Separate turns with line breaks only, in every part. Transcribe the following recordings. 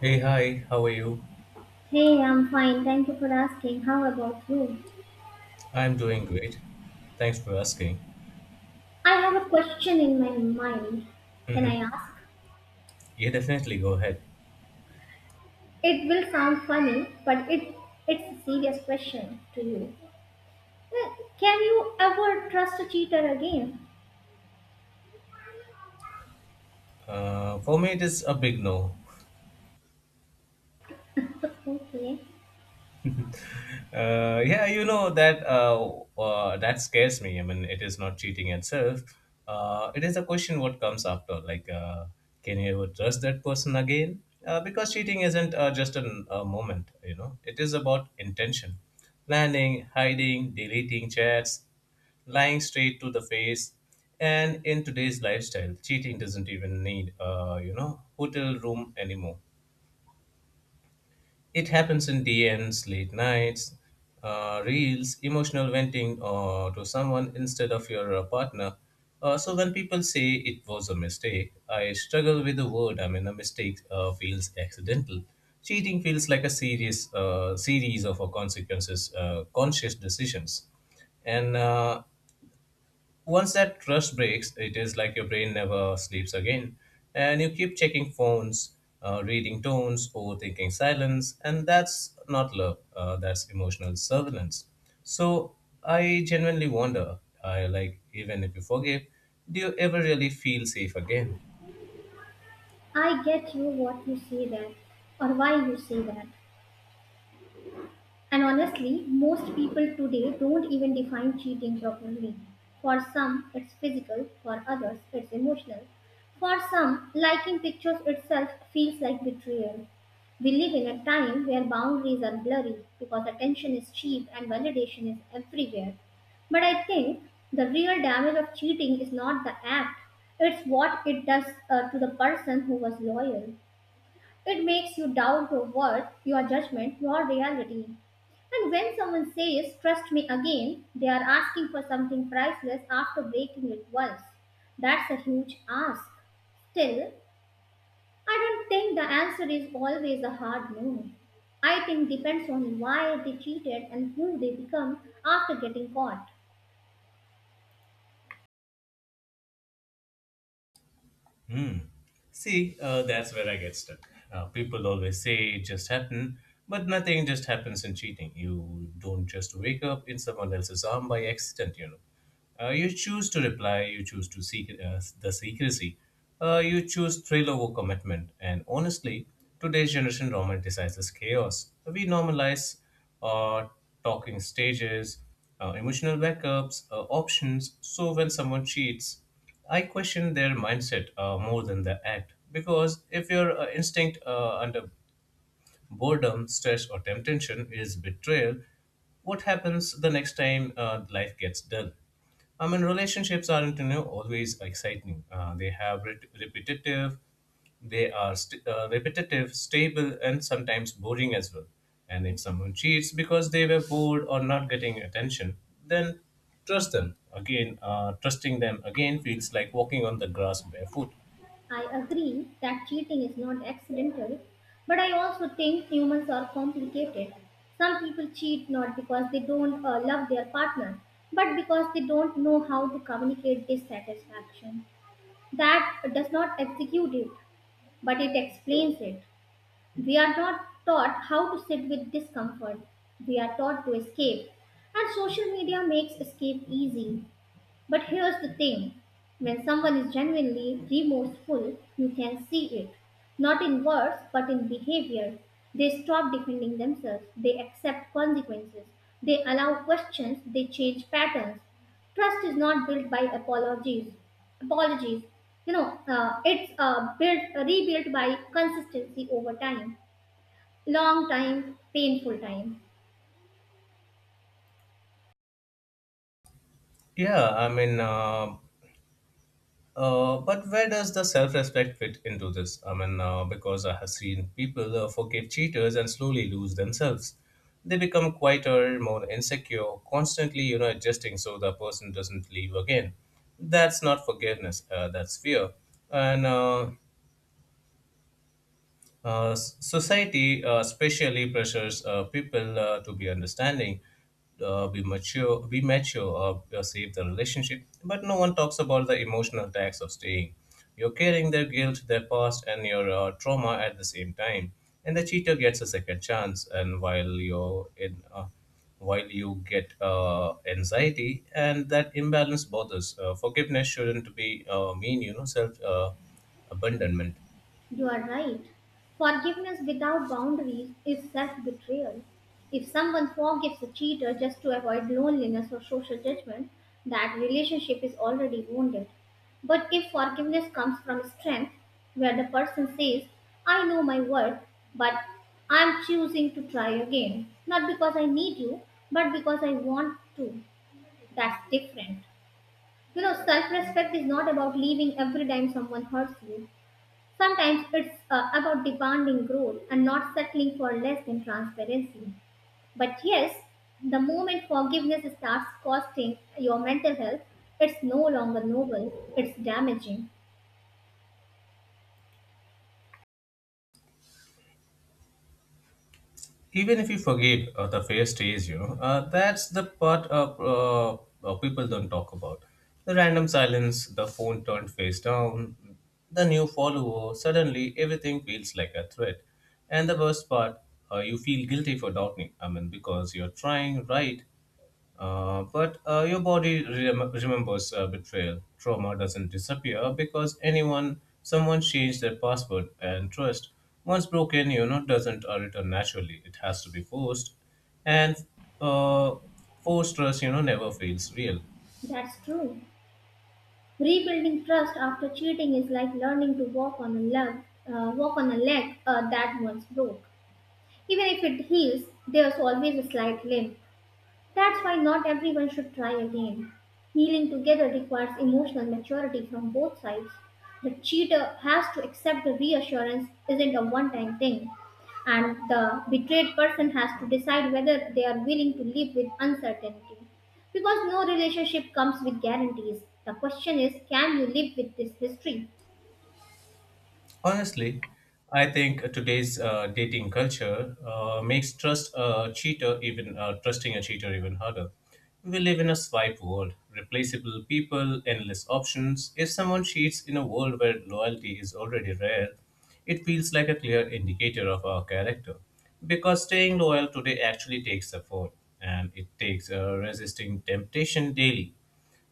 Hey, hi, how are you?
Hey, I'm fine. Thank you for asking. How about you?
I'm doing great. Thanks for asking.
I have a question in my mind. Can I
Mhm.
ask?
Yeah, definitely go ahead.
It will sound funny, but it's a serious question to you. Uh, Can you ever trust a cheater again?
For me, it is a big no.
Okay,
Yeah, you know that that scares me. I mean, it is not cheating itself. It is a question what comes after. Like, can you ever trust that person again? Because cheating isn't just a moment. It is about intention, planning, hiding, deleting chats, lying straight to the face. And in today's lifestyle, cheating doesn't even need, hotel room anymore. It happens in DNs, late nights, reels, emotional venting to someone instead of your partner. So when people say it was a mistake, I struggle with the word. I mean, a mistake feels accidental. Cheating feels like a serious series of consequences, conscious decisions, and once that trust breaks, it is like your brain never sleeps again. And you keep checking phones, reading tones, overthinking silence, and that's not love, that's emotional surveillance. So I genuinely wonder, I like, even if you forgive, do you ever really feel safe again?
I get you what you say there, or why you say that. And honestly, most people today don't even define cheating properly. For some, it's physical, for others, it's emotional. For some, liking pictures itself feels like betrayal. We live in a time where boundaries are blurry because attention is cheap and validation is everywhere. But I think the real damage of cheating is not the act, it's what it does to the person who was loyal. It makes you doubt your worth, your judgment, your reality. And when someone says, trust me again, they are asking for something priceless after breaking it once. That's a huge ask. Still, I don't think the answer is always a hard no. I think depends on why they cheated and who they become after getting caught.
Hmm. See, that's where I get stuck. People always say it just happened, but nothing just happens in cheating. You don't just wake up in someone else's arm by accident, you know. You choose to reply, you choose to seek the secrecy, you choose thrill over commitment. And honestly, today's generation romanticizes chaos. We normalize uh, talking stages, emotional backups, options. So when someone cheats, I question their mindset more than the act, because if your instinct under boredom, stress, or temptation is betrayal, what happens the next time life gets dull? I mean, relationships aren't, you know, always exciting. They have repetitive, they are repetitive, stable, and sometimes boring as well. And if someone cheats because they were bored or not getting attention, then trust them again. Trusting them again feels like walking on the grass barefoot.
I agree that cheating is not accidental, but I also think humans are complicated. Some people cheat not because they don't love their partner, but because they don't know how to communicate dissatisfaction. That does not execute it, but it explains it. We are not taught how to sit with discomfort, we are taught to escape. And social media makes escape easy. But here's the thing when someone is genuinely remorseful, you can see it. Not in words, but in behavior. They stop defending themselves, they accept consequences, they allow questions, they change patterns. Trust is not built by apologies. Apologies. It's built, rebuilt by consistency over time, long time, painful time.
Yeah, I mean, but where does the self-respect fit into this? I mean, because I have seen people forgive cheaters and slowly lose themselves. They become quieter, more insecure, constantly, adjusting so the person doesn't leave again. That's not forgiveness. That's fear. And society especially pressures people to be understanding, be mature, or save the relationship. But no one talks about the emotional tax of staying. You're carrying their guilt, their past, and your trauma at the same time. And the cheater gets a second chance. And while you get anxiety, and that imbalance bothers. Forgiveness shouldn't be mean, self abandonment.
You are right. Forgiveness without boundaries is self betrayal. If someone forgives a cheater just to avoid loneliness or social judgment, that relationship is already wounded. But if forgiveness comes from strength, where the person says, I know my worth, but I'm choosing to try again, not because I need you, but because I want to, that's different. You know, self respect is not about leaving every time someone hurts you. Sometimes it's about demanding growth and not settling for less than transparency. But yes, the moment forgiveness starts costing your mental health, it's no longer noble, it's damaging.
Even if you forgive, the fair stays, that's the part of, people don't talk about, the random silence, the phone turned face down, the new follower, suddenly everything feels like a threat, and the worst part, you feel guilty for doubting. I mean, because you're trying, right? But your body remembers betrayal. Trauma doesn't disappear because someone changed their password and trust. Once broken, doesn't return naturally. It has to be forced, and uh, forced trust, never feels real.
That's true. Rebuilding trust after cheating is like learning to walk on a leg, walk on a leg that once broke. Even if it heals, there's always a slight limp. That's why not everyone should try again. Healing together requires emotional maturity from both sides. The cheater has to accept the reassurance isn't a one time thing, and the betrayed person has to decide whether they are willing to live with uncertainty. Because no relationship comes with guarantees. The question is can you live with this history?
Honestly, I think today's dating culture makes trusting a cheater even harder. We live in a swipe world, replaceable people, endless options. If someone cheats in a world where loyalty is already rare, it feels like a clear indicator of our character. Because staying loyal today actually takes effort, and it takes resisting temptation daily.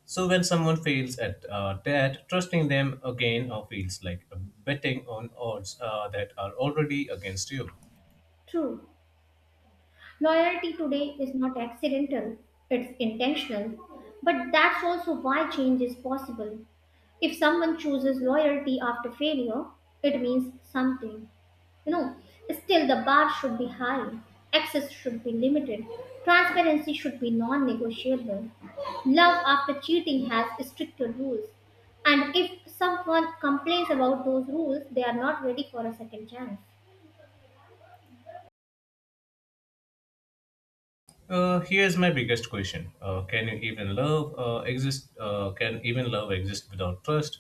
So when someone fails at that, trusting them again feels like betting on odds that are already against you.
True. Loyalty today is not accidental, it's intentional. But that's also why change is possible. If someone chooses loyalty after failure, it means something. You know, still the bar should be high, access should be limited, transparency should be non negotiable. Love after cheating has stricter rules. And if someone complains about those rules, they are not ready for a second chance.
Here's my biggest question: can you even love exist? Can even love exist without trust?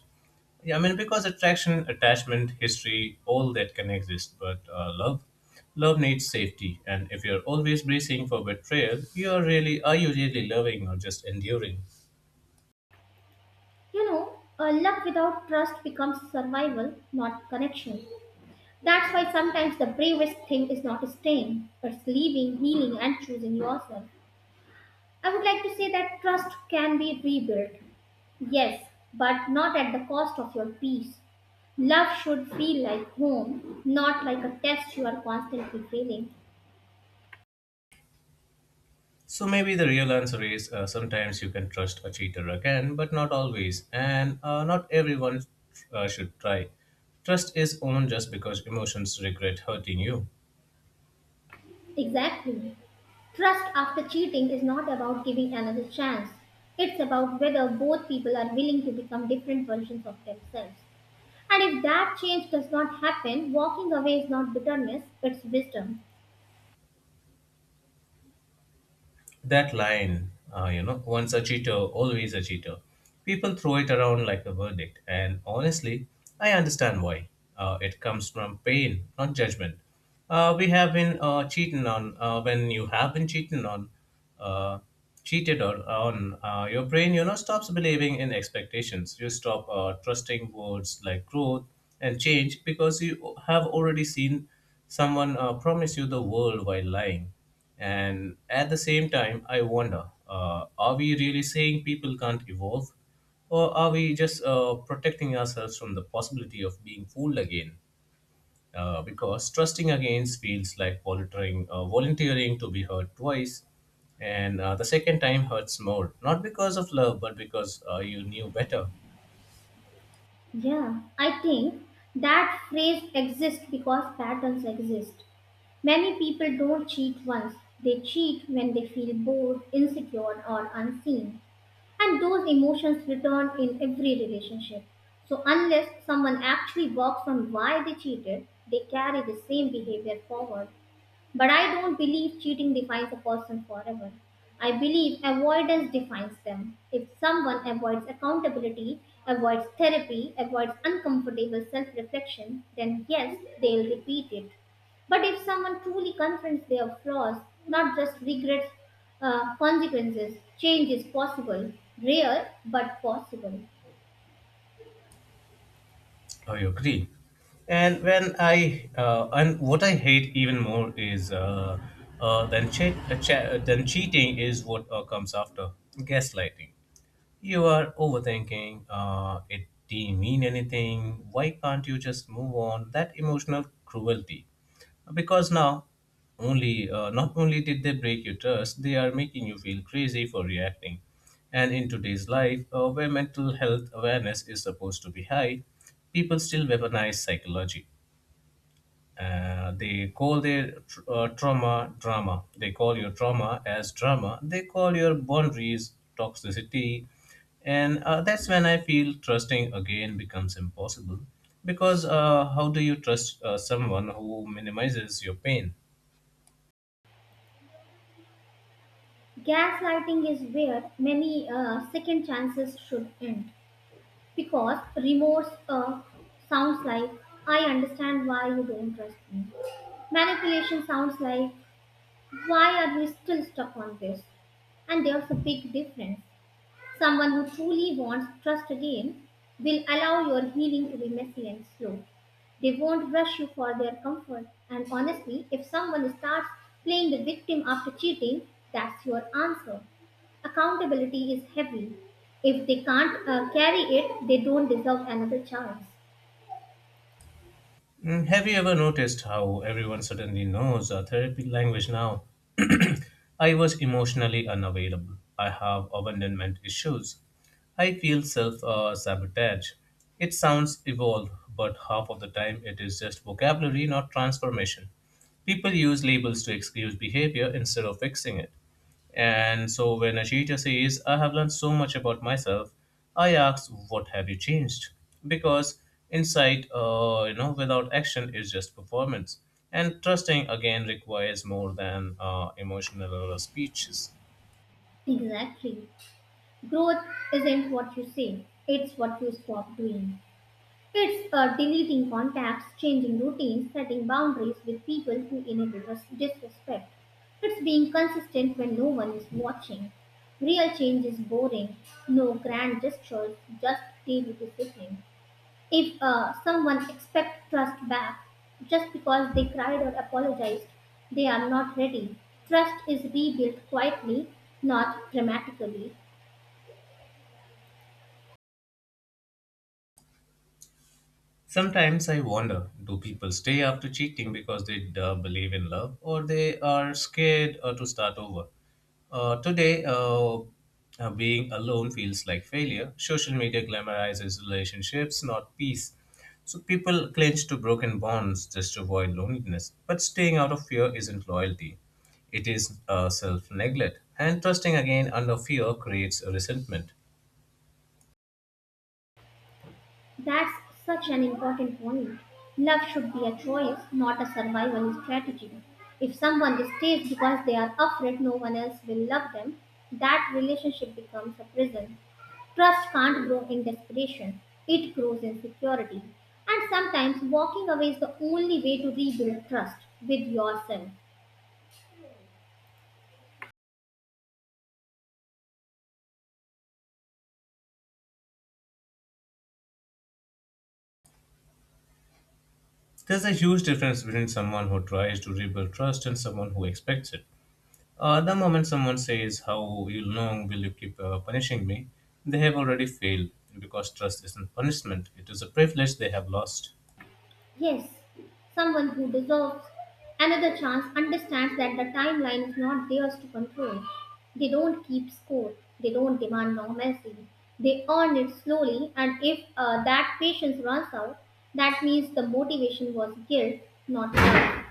Yeah, I mean, because attraction, attachment, history, all that can exist, but love, needs safety. And if you're always bracing for betrayal, you are really are you really loving or just enduring?
You know, a love without trust becomes survival, not connection. That's why sometimes the bravest thing is not staying, but it's leaving, healing, and choosing yourself. I would like to say that trust can be rebuilt. Yes, but not at the cost of your peace. Love should feel like home, not like a test you are constantly failing.
So maybe the real answer is sometimes you can trust a cheater again, but not always, and not everyone should try. Trust is owned just because emotions regret hurting you.
Exactly. Trust after cheating is not about giving another chance. It's about whether both people are willing to become different versions of themselves. And if that change does not happen, walking away is not bitterness, it's wisdom.
That line, once a cheater, always a cheater. People throw it around like a verdict, and honestly, I understand why. It comes from pain, not judgment. We have been cheating on. When you have been cheated on, uh, cheated or on, your brain, stops believing in expectations. You stop trusting words like growth and change because you have already seen someone promise you the world while lying. And at the same time, I wonder, are we really saying people can't evolve? Or are we just protecting ourselves from the possibility of being fooled again? Because trusting against feels like volunteering to be hurt twice, and the second time hurts more. Not because of love, but because you knew better.
Yeah, I think that phrase exists because patterns exist. Many people don't cheat once, they cheat when they feel bored, insecure, or unseen. And those emotions return in every relationship. So, unless someone actually works on why they cheated, they carry the same behavior forward. But I don't believe cheating defines a person forever. I believe avoidance defines them. If someone avoids accountability, avoids therapy, avoids uncomfortable self reflection, then yes, they'll repeat it. But if someone truly confronts their flaws, not just regrets consequences, change is possible. Rare, but possible.
I agree. And what I hate even more is than cheat che- than cheating is what comes after — gaslighting. You are overthinking. It didn't mean anything. Why can't you just move on? That emotional cruelty, because now only not only did they break your trust, they are making you feel crazy for reacting. And in today's life, where mental health awareness is supposed to be high, people still weaponize psychology, they call their trauma drama, they call your trauma as drama, they call your boundaries toxicity, and that's when I feel trusting again becomes impossible, because how do you trust someone who minimizes your pain?
Gaslighting is where many second chances should end. Because remorse sounds like, I understand why you don't trust me. Manipulation sounds like, why are we still stuck on this? And there's a big difference. Someone who truly wants trust again will allow your healing to be messy and slow. They won't rush you for their comfort. And honestly, if someone starts playing the victim after cheating, that's your answer. Accountability is heavy. If they can't carry it, they don't deserve another chance.
Have you ever noticed how everyone suddenly knows a therapy language now? I was emotionally unavailable. I have abandonment issues. I feel self sabotage. It sounds evolved, but half of the time it is just vocabulary, not transformation. People use labels to excuse behavior instead of fixing it. And so when a teacher says, I have learned so much about myself, I ask, what have you changed? Because insight, without action is just performance. And trusting again requires more than emotional speeches.
Exactly. Growth isn't what you say, it's what you stop doing. It's deleting contacts, changing routines, setting boundaries with people who inhibit us disrespect. It's being consistent when no one is watching. Real change is boring. No grand gestures, just daily discipline. If someone expects trust back just because they cried or apologized, they are not ready. Trust is rebuilt quietly, not dramatically.
Sometimes I wonder, do people stay after cheating because they believe in love, or they are scared to start over? Today, being alone feels like failure. Social media glamorizes relationships, not peace. So people cling to broken bonds just to avoid loneliness. But staying out of fear isn't loyalty, it is self neglect. And trusting again under fear creates resentment.
That's such an important point. Love should be a choice, not a survival strategy. If someone stays because they are afraid no one else will love them, that relationship becomes a prison. Trust can't grow in desperation, it grows in security. And sometimes walking away is the only way to rebuild trust with yourself.
There's a huge difference between someone who tries to rebuild trust and someone who expects it. The moment someone says, how long will you keep punishing me? They have already failed because trust isn't punishment, it is a privilege they have lost.
Yes, someone who deserves another chance understands that the timeline is not theirs to control. They don't keep score, they don't demand normalcy. They earn it slowly, and if that patience runs out, that means the motivation was guilt, not love.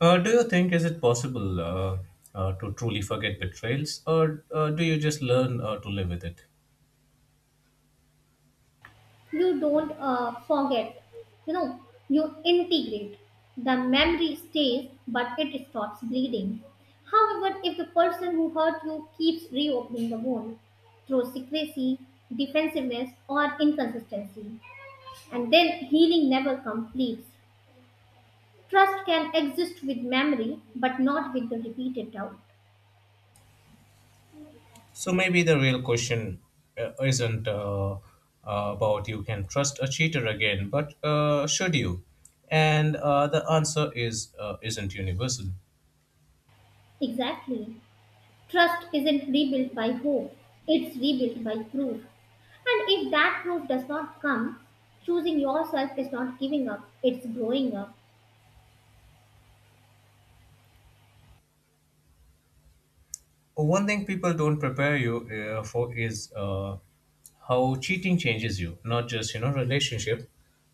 Do you think, is it possible to truly forget betrayals, or do you just learn to live with it?
You don't forget, you know, you integrate. The memory stays but it stops bleeding. However, if the person who hurt you keeps reopening the wound through secrecy, defensiveness or inconsistency, and then healing never completes. Trust can exist with memory but not with the repeated doubt.
So maybe the real question isn't about, you can trust a cheater again, but should you? And the answer is isn't universal.
Exactly. Trust isn't rebuilt by hope, it's rebuilt by proof. And if that proof does not come, choosing yourself is not giving up, it's growing up.
One thing people don't prepare you for is how cheating changes you, not just relationship,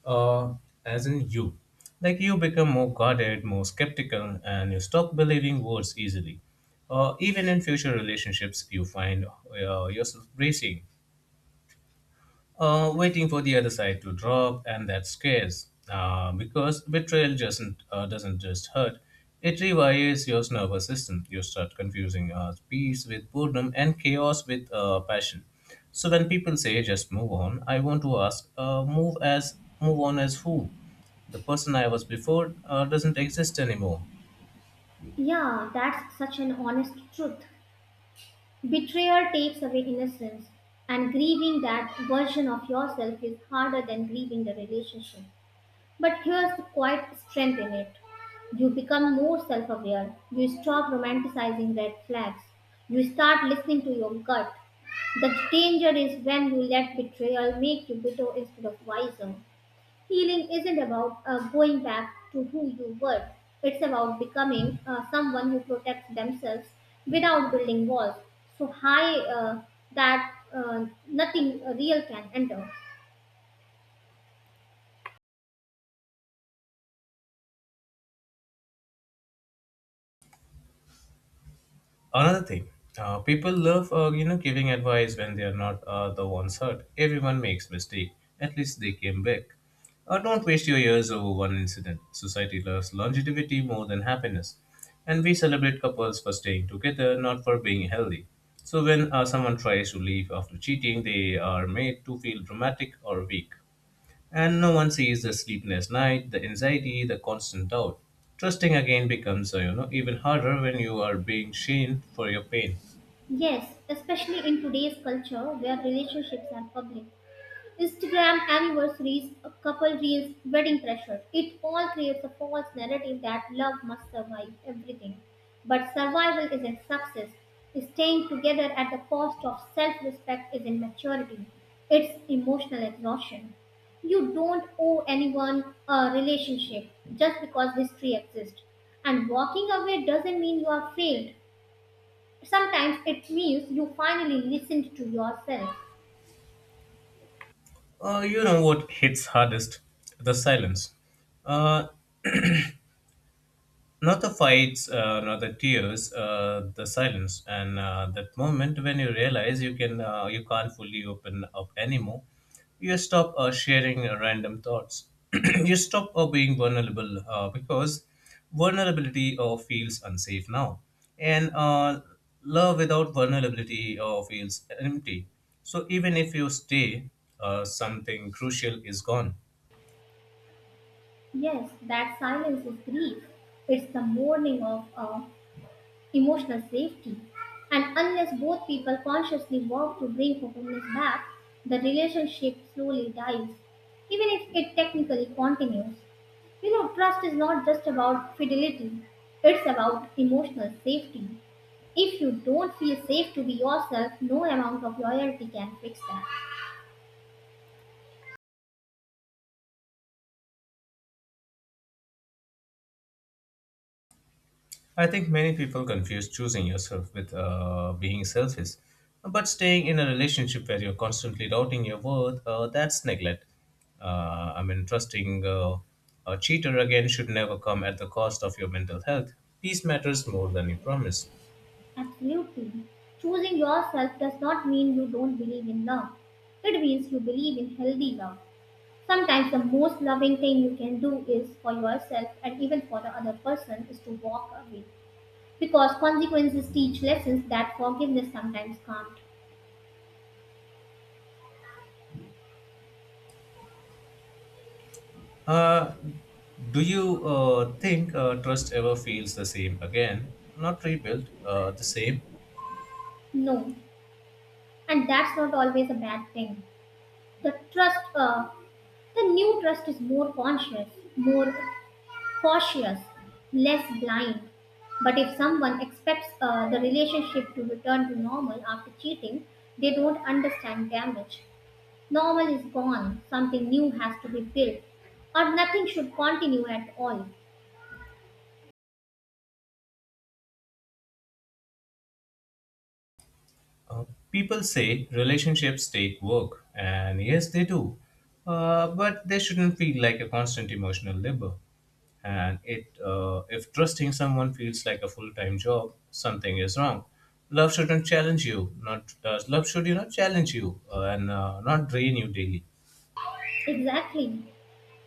uh, as in you. Like, you become more guarded, more skeptical, and you stop believing words easily. Even in future relationships, you find yourself bracing, waiting for the other side to drop, and that scares. Because betrayal doesn't just hurt; it rewires your nervous system. You start confusing peace with boredom and chaos with passion. So when people say "just move on," I want to ask, Move on as who? The person I was before doesn't exist anymore."
Yeah, that's such an honest truth. Betrayal takes away innocence, and grieving that version of yourself is harder than grieving the relationship. But here's the quiet strength in it: you become more self aware, you stop romanticizing red flags, you start listening to your gut. The danger is when you let betrayal make you bitter instead of wiser. Healing isn't about going back to who you were, it's about becoming someone who protects themselves without building walls. So high that nothing real can enter.
Another thing, people love giving advice when they are not the ones hurt. Everyone makes mistake. At least they came back. Don't waste your years over one incident. Society loves longevity more than happiness, and we celebrate couples for staying together, not for being healthy. So when someone tries to leave after cheating, they are made to feel dramatic or weak. And no one sees the sleepless night, the anxiety, the constant doubt. Trusting again becomes, even harder when you are being shamed for your pain.
Yes, especially in today's culture where relationships are public. Instagram anniversaries, a couple reels, wedding pressure. It all creates a false narrative that love must survive everything. But survival isn't success. Staying together at the cost of self respect is immaturity. It's emotional exhaustion. You don't owe anyone a relationship just because history exists. And walking away doesn't mean you are failed. Sometimes it means you finally listened to yourself.
You know what hits hardest? The silence. Uh, not the fights, not the tears, the silence, and that moment when you realize you can't fully open up anymore, you stop sharing random thoughts. You stop being vulnerable because vulnerability feels unsafe now, and love without vulnerability feels empty. So even if you stay, something crucial is gone.
Yes, that silence is grief. It's the mourning of emotional safety. And unless both people consciously work to bring openness back, the relationship slowly dies, even if it technically continues. You know, trust is not just about fidelity, it's about emotional safety. If you don't feel safe to be yourself, no amount of loyalty can fix that.
I think many people confuse choosing yourself with being selfish. But staying in a relationship where you're constantly doubting your worth, that's neglect. I mean, trusting a cheater again should never come at the cost of your mental health. Peace matters more than you promise.
Absolutely. Choosing yourself does not mean you don't believe in love. It means you believe in healthy love. Sometimes the most loving thing you can do is for yourself and even for the other person is to walk away. Because consequences teach lessons that forgiveness sometimes can't.
Uh, do you think trust ever feels the same again? Not rebuilt, the same.
No. And that's not always a bad thing. The trust, the new trust is more conscious, more cautious, less blind. But if someone expects the relationship to return to normal after cheating, they don't understand damage. Normal is gone, something new has to be built, or nothing should continue at all.
Uh, people say relationships take work, and yes, they do, but they shouldn't feel like a constant emotional labor. And if trusting someone feels like a full-time job, something is wrong. Love shouldn't challenge you. Not Love should, challenge you and not drain you daily.
Exactly.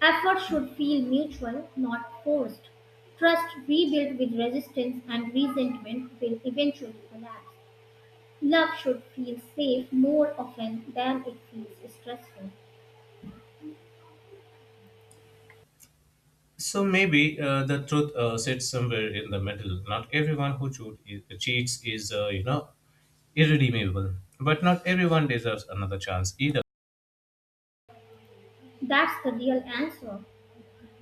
Effort should feel mutual, not forced. Trust rebuilt with resistance and resentment will eventually collapse. Love should feel safe more often than it feels stressful.
So maybe the truth sits somewhere in the middle. Not everyone who cheats is, irredeemable, but not everyone deserves another chance either.
That's the real answer.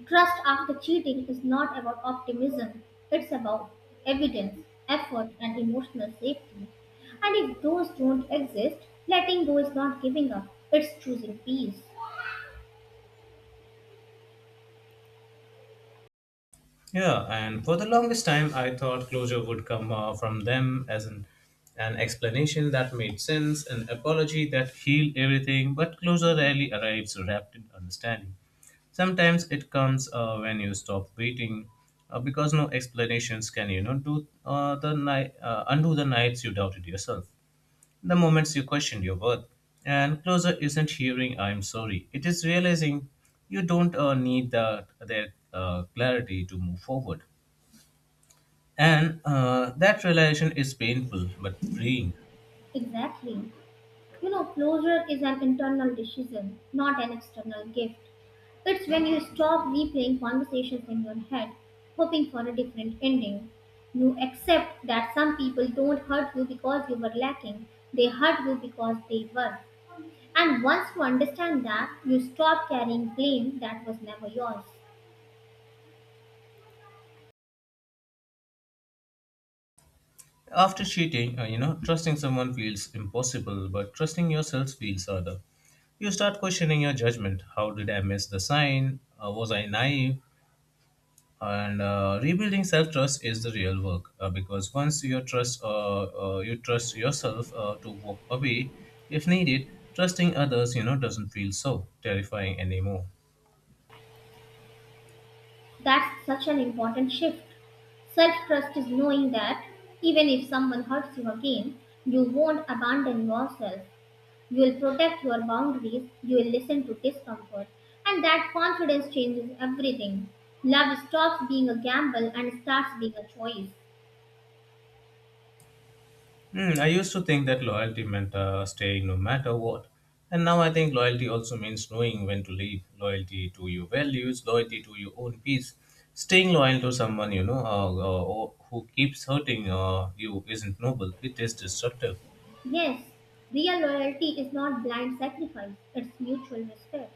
Trust after cheating is not about optimism, it's about evidence, effort, and emotional safety. And if those don't exist, letting go is not giving up, it's choosing peace.
Yeah, and for the longest time, I thought closure would come from them, as an explanation that made sense, an apology that healed everything, but closure rarely arrives wrapped in understanding. Sometimes it comes when you stop waiting, because no explanations can, undo the nights you doubted yourself. The moments you question your worth. And closure isn't hearing I'm sorry. It is realizing you don't need that clarity to move forward. And that realization is painful but freeing.
Exactly. You know, closure is an internal decision, not an external gift. It's when you stop replaying conversations in your head, hoping for a different ending. You accept that some people don't hurt you because you were lacking, they hurt you because they were. And once you understand that, you stop carrying blame that was never yours.
After cheating, trusting someone feels impossible, but trusting yourself feels harder. You start questioning your judgment. How did I miss the sign? Was I naive? And rebuilding self trust is the real work because once you trust yourself to walk away if needed. Trusting others, doesn't feel so terrifying anymore.
That's such an important shift. Self trust is knowing that even if someone hurts you again, you won't abandon yourself. You'll protect your boundaries, you'll listen to discomfort, and that confidence changes everything. Love stops being a gamble and starts being a choice.
Hmm, I used to think that loyalty meant staying no matter what. And now I think loyalty also means knowing when to leave, loyalty to your values, loyalty to your own peace. Staying loyal to someone, who keeps hurting you, isn't noble, it is destructive.
Yes, real loyalty is not blind sacrifice, it's mutual respect.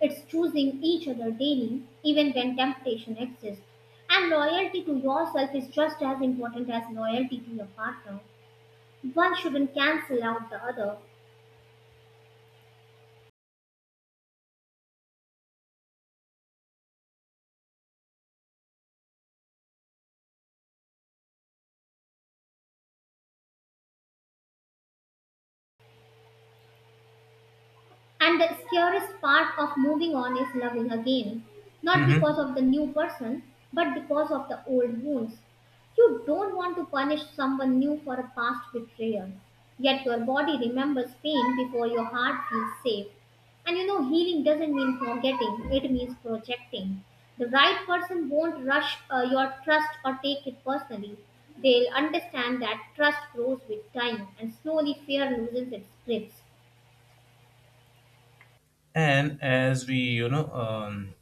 It's choosing each other daily, even when temptation exists. And loyalty to yourself is just as important as loyalty to your partner. One shouldn't cancel out the other. And the scariest part of moving on is loving again, not
Mhm.
because of the new person, but because of the old wounds. You don't want to punish someone new for a past betrayal. Yet your body remembers pain before your heart feels safe. And you know, healing doesn't mean forgetting, it means projecting. The right person won't rush your trust or take it personally. They'll understand that trust grows with time and slowly fear loses its grips.
And as we, you know, um,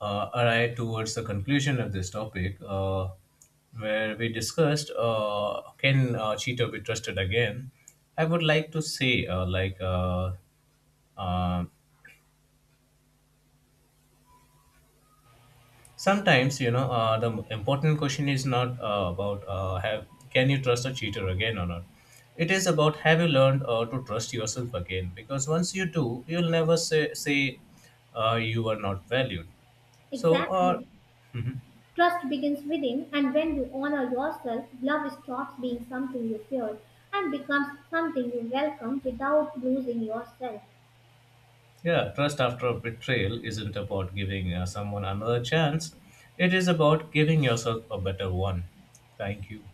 uh, arrive towards the conclusion of this topic, where we discussed, can cheater be trusted again, I would like to say, like, uh, sometimes, the important question is not about, have, can you trust a cheater again or not. It is about, have you learned to trust yourself again, because once you do, you'll never say you were not valued. So,
Exactly.
mhm.
Trust begins within, and when you honor yourself, love stops being something you fear and becomes something you welcome without losing yourself.
Yeah, trust after a betrayal isn't about giving someone another chance. It is about giving yourself a better one. Thank you.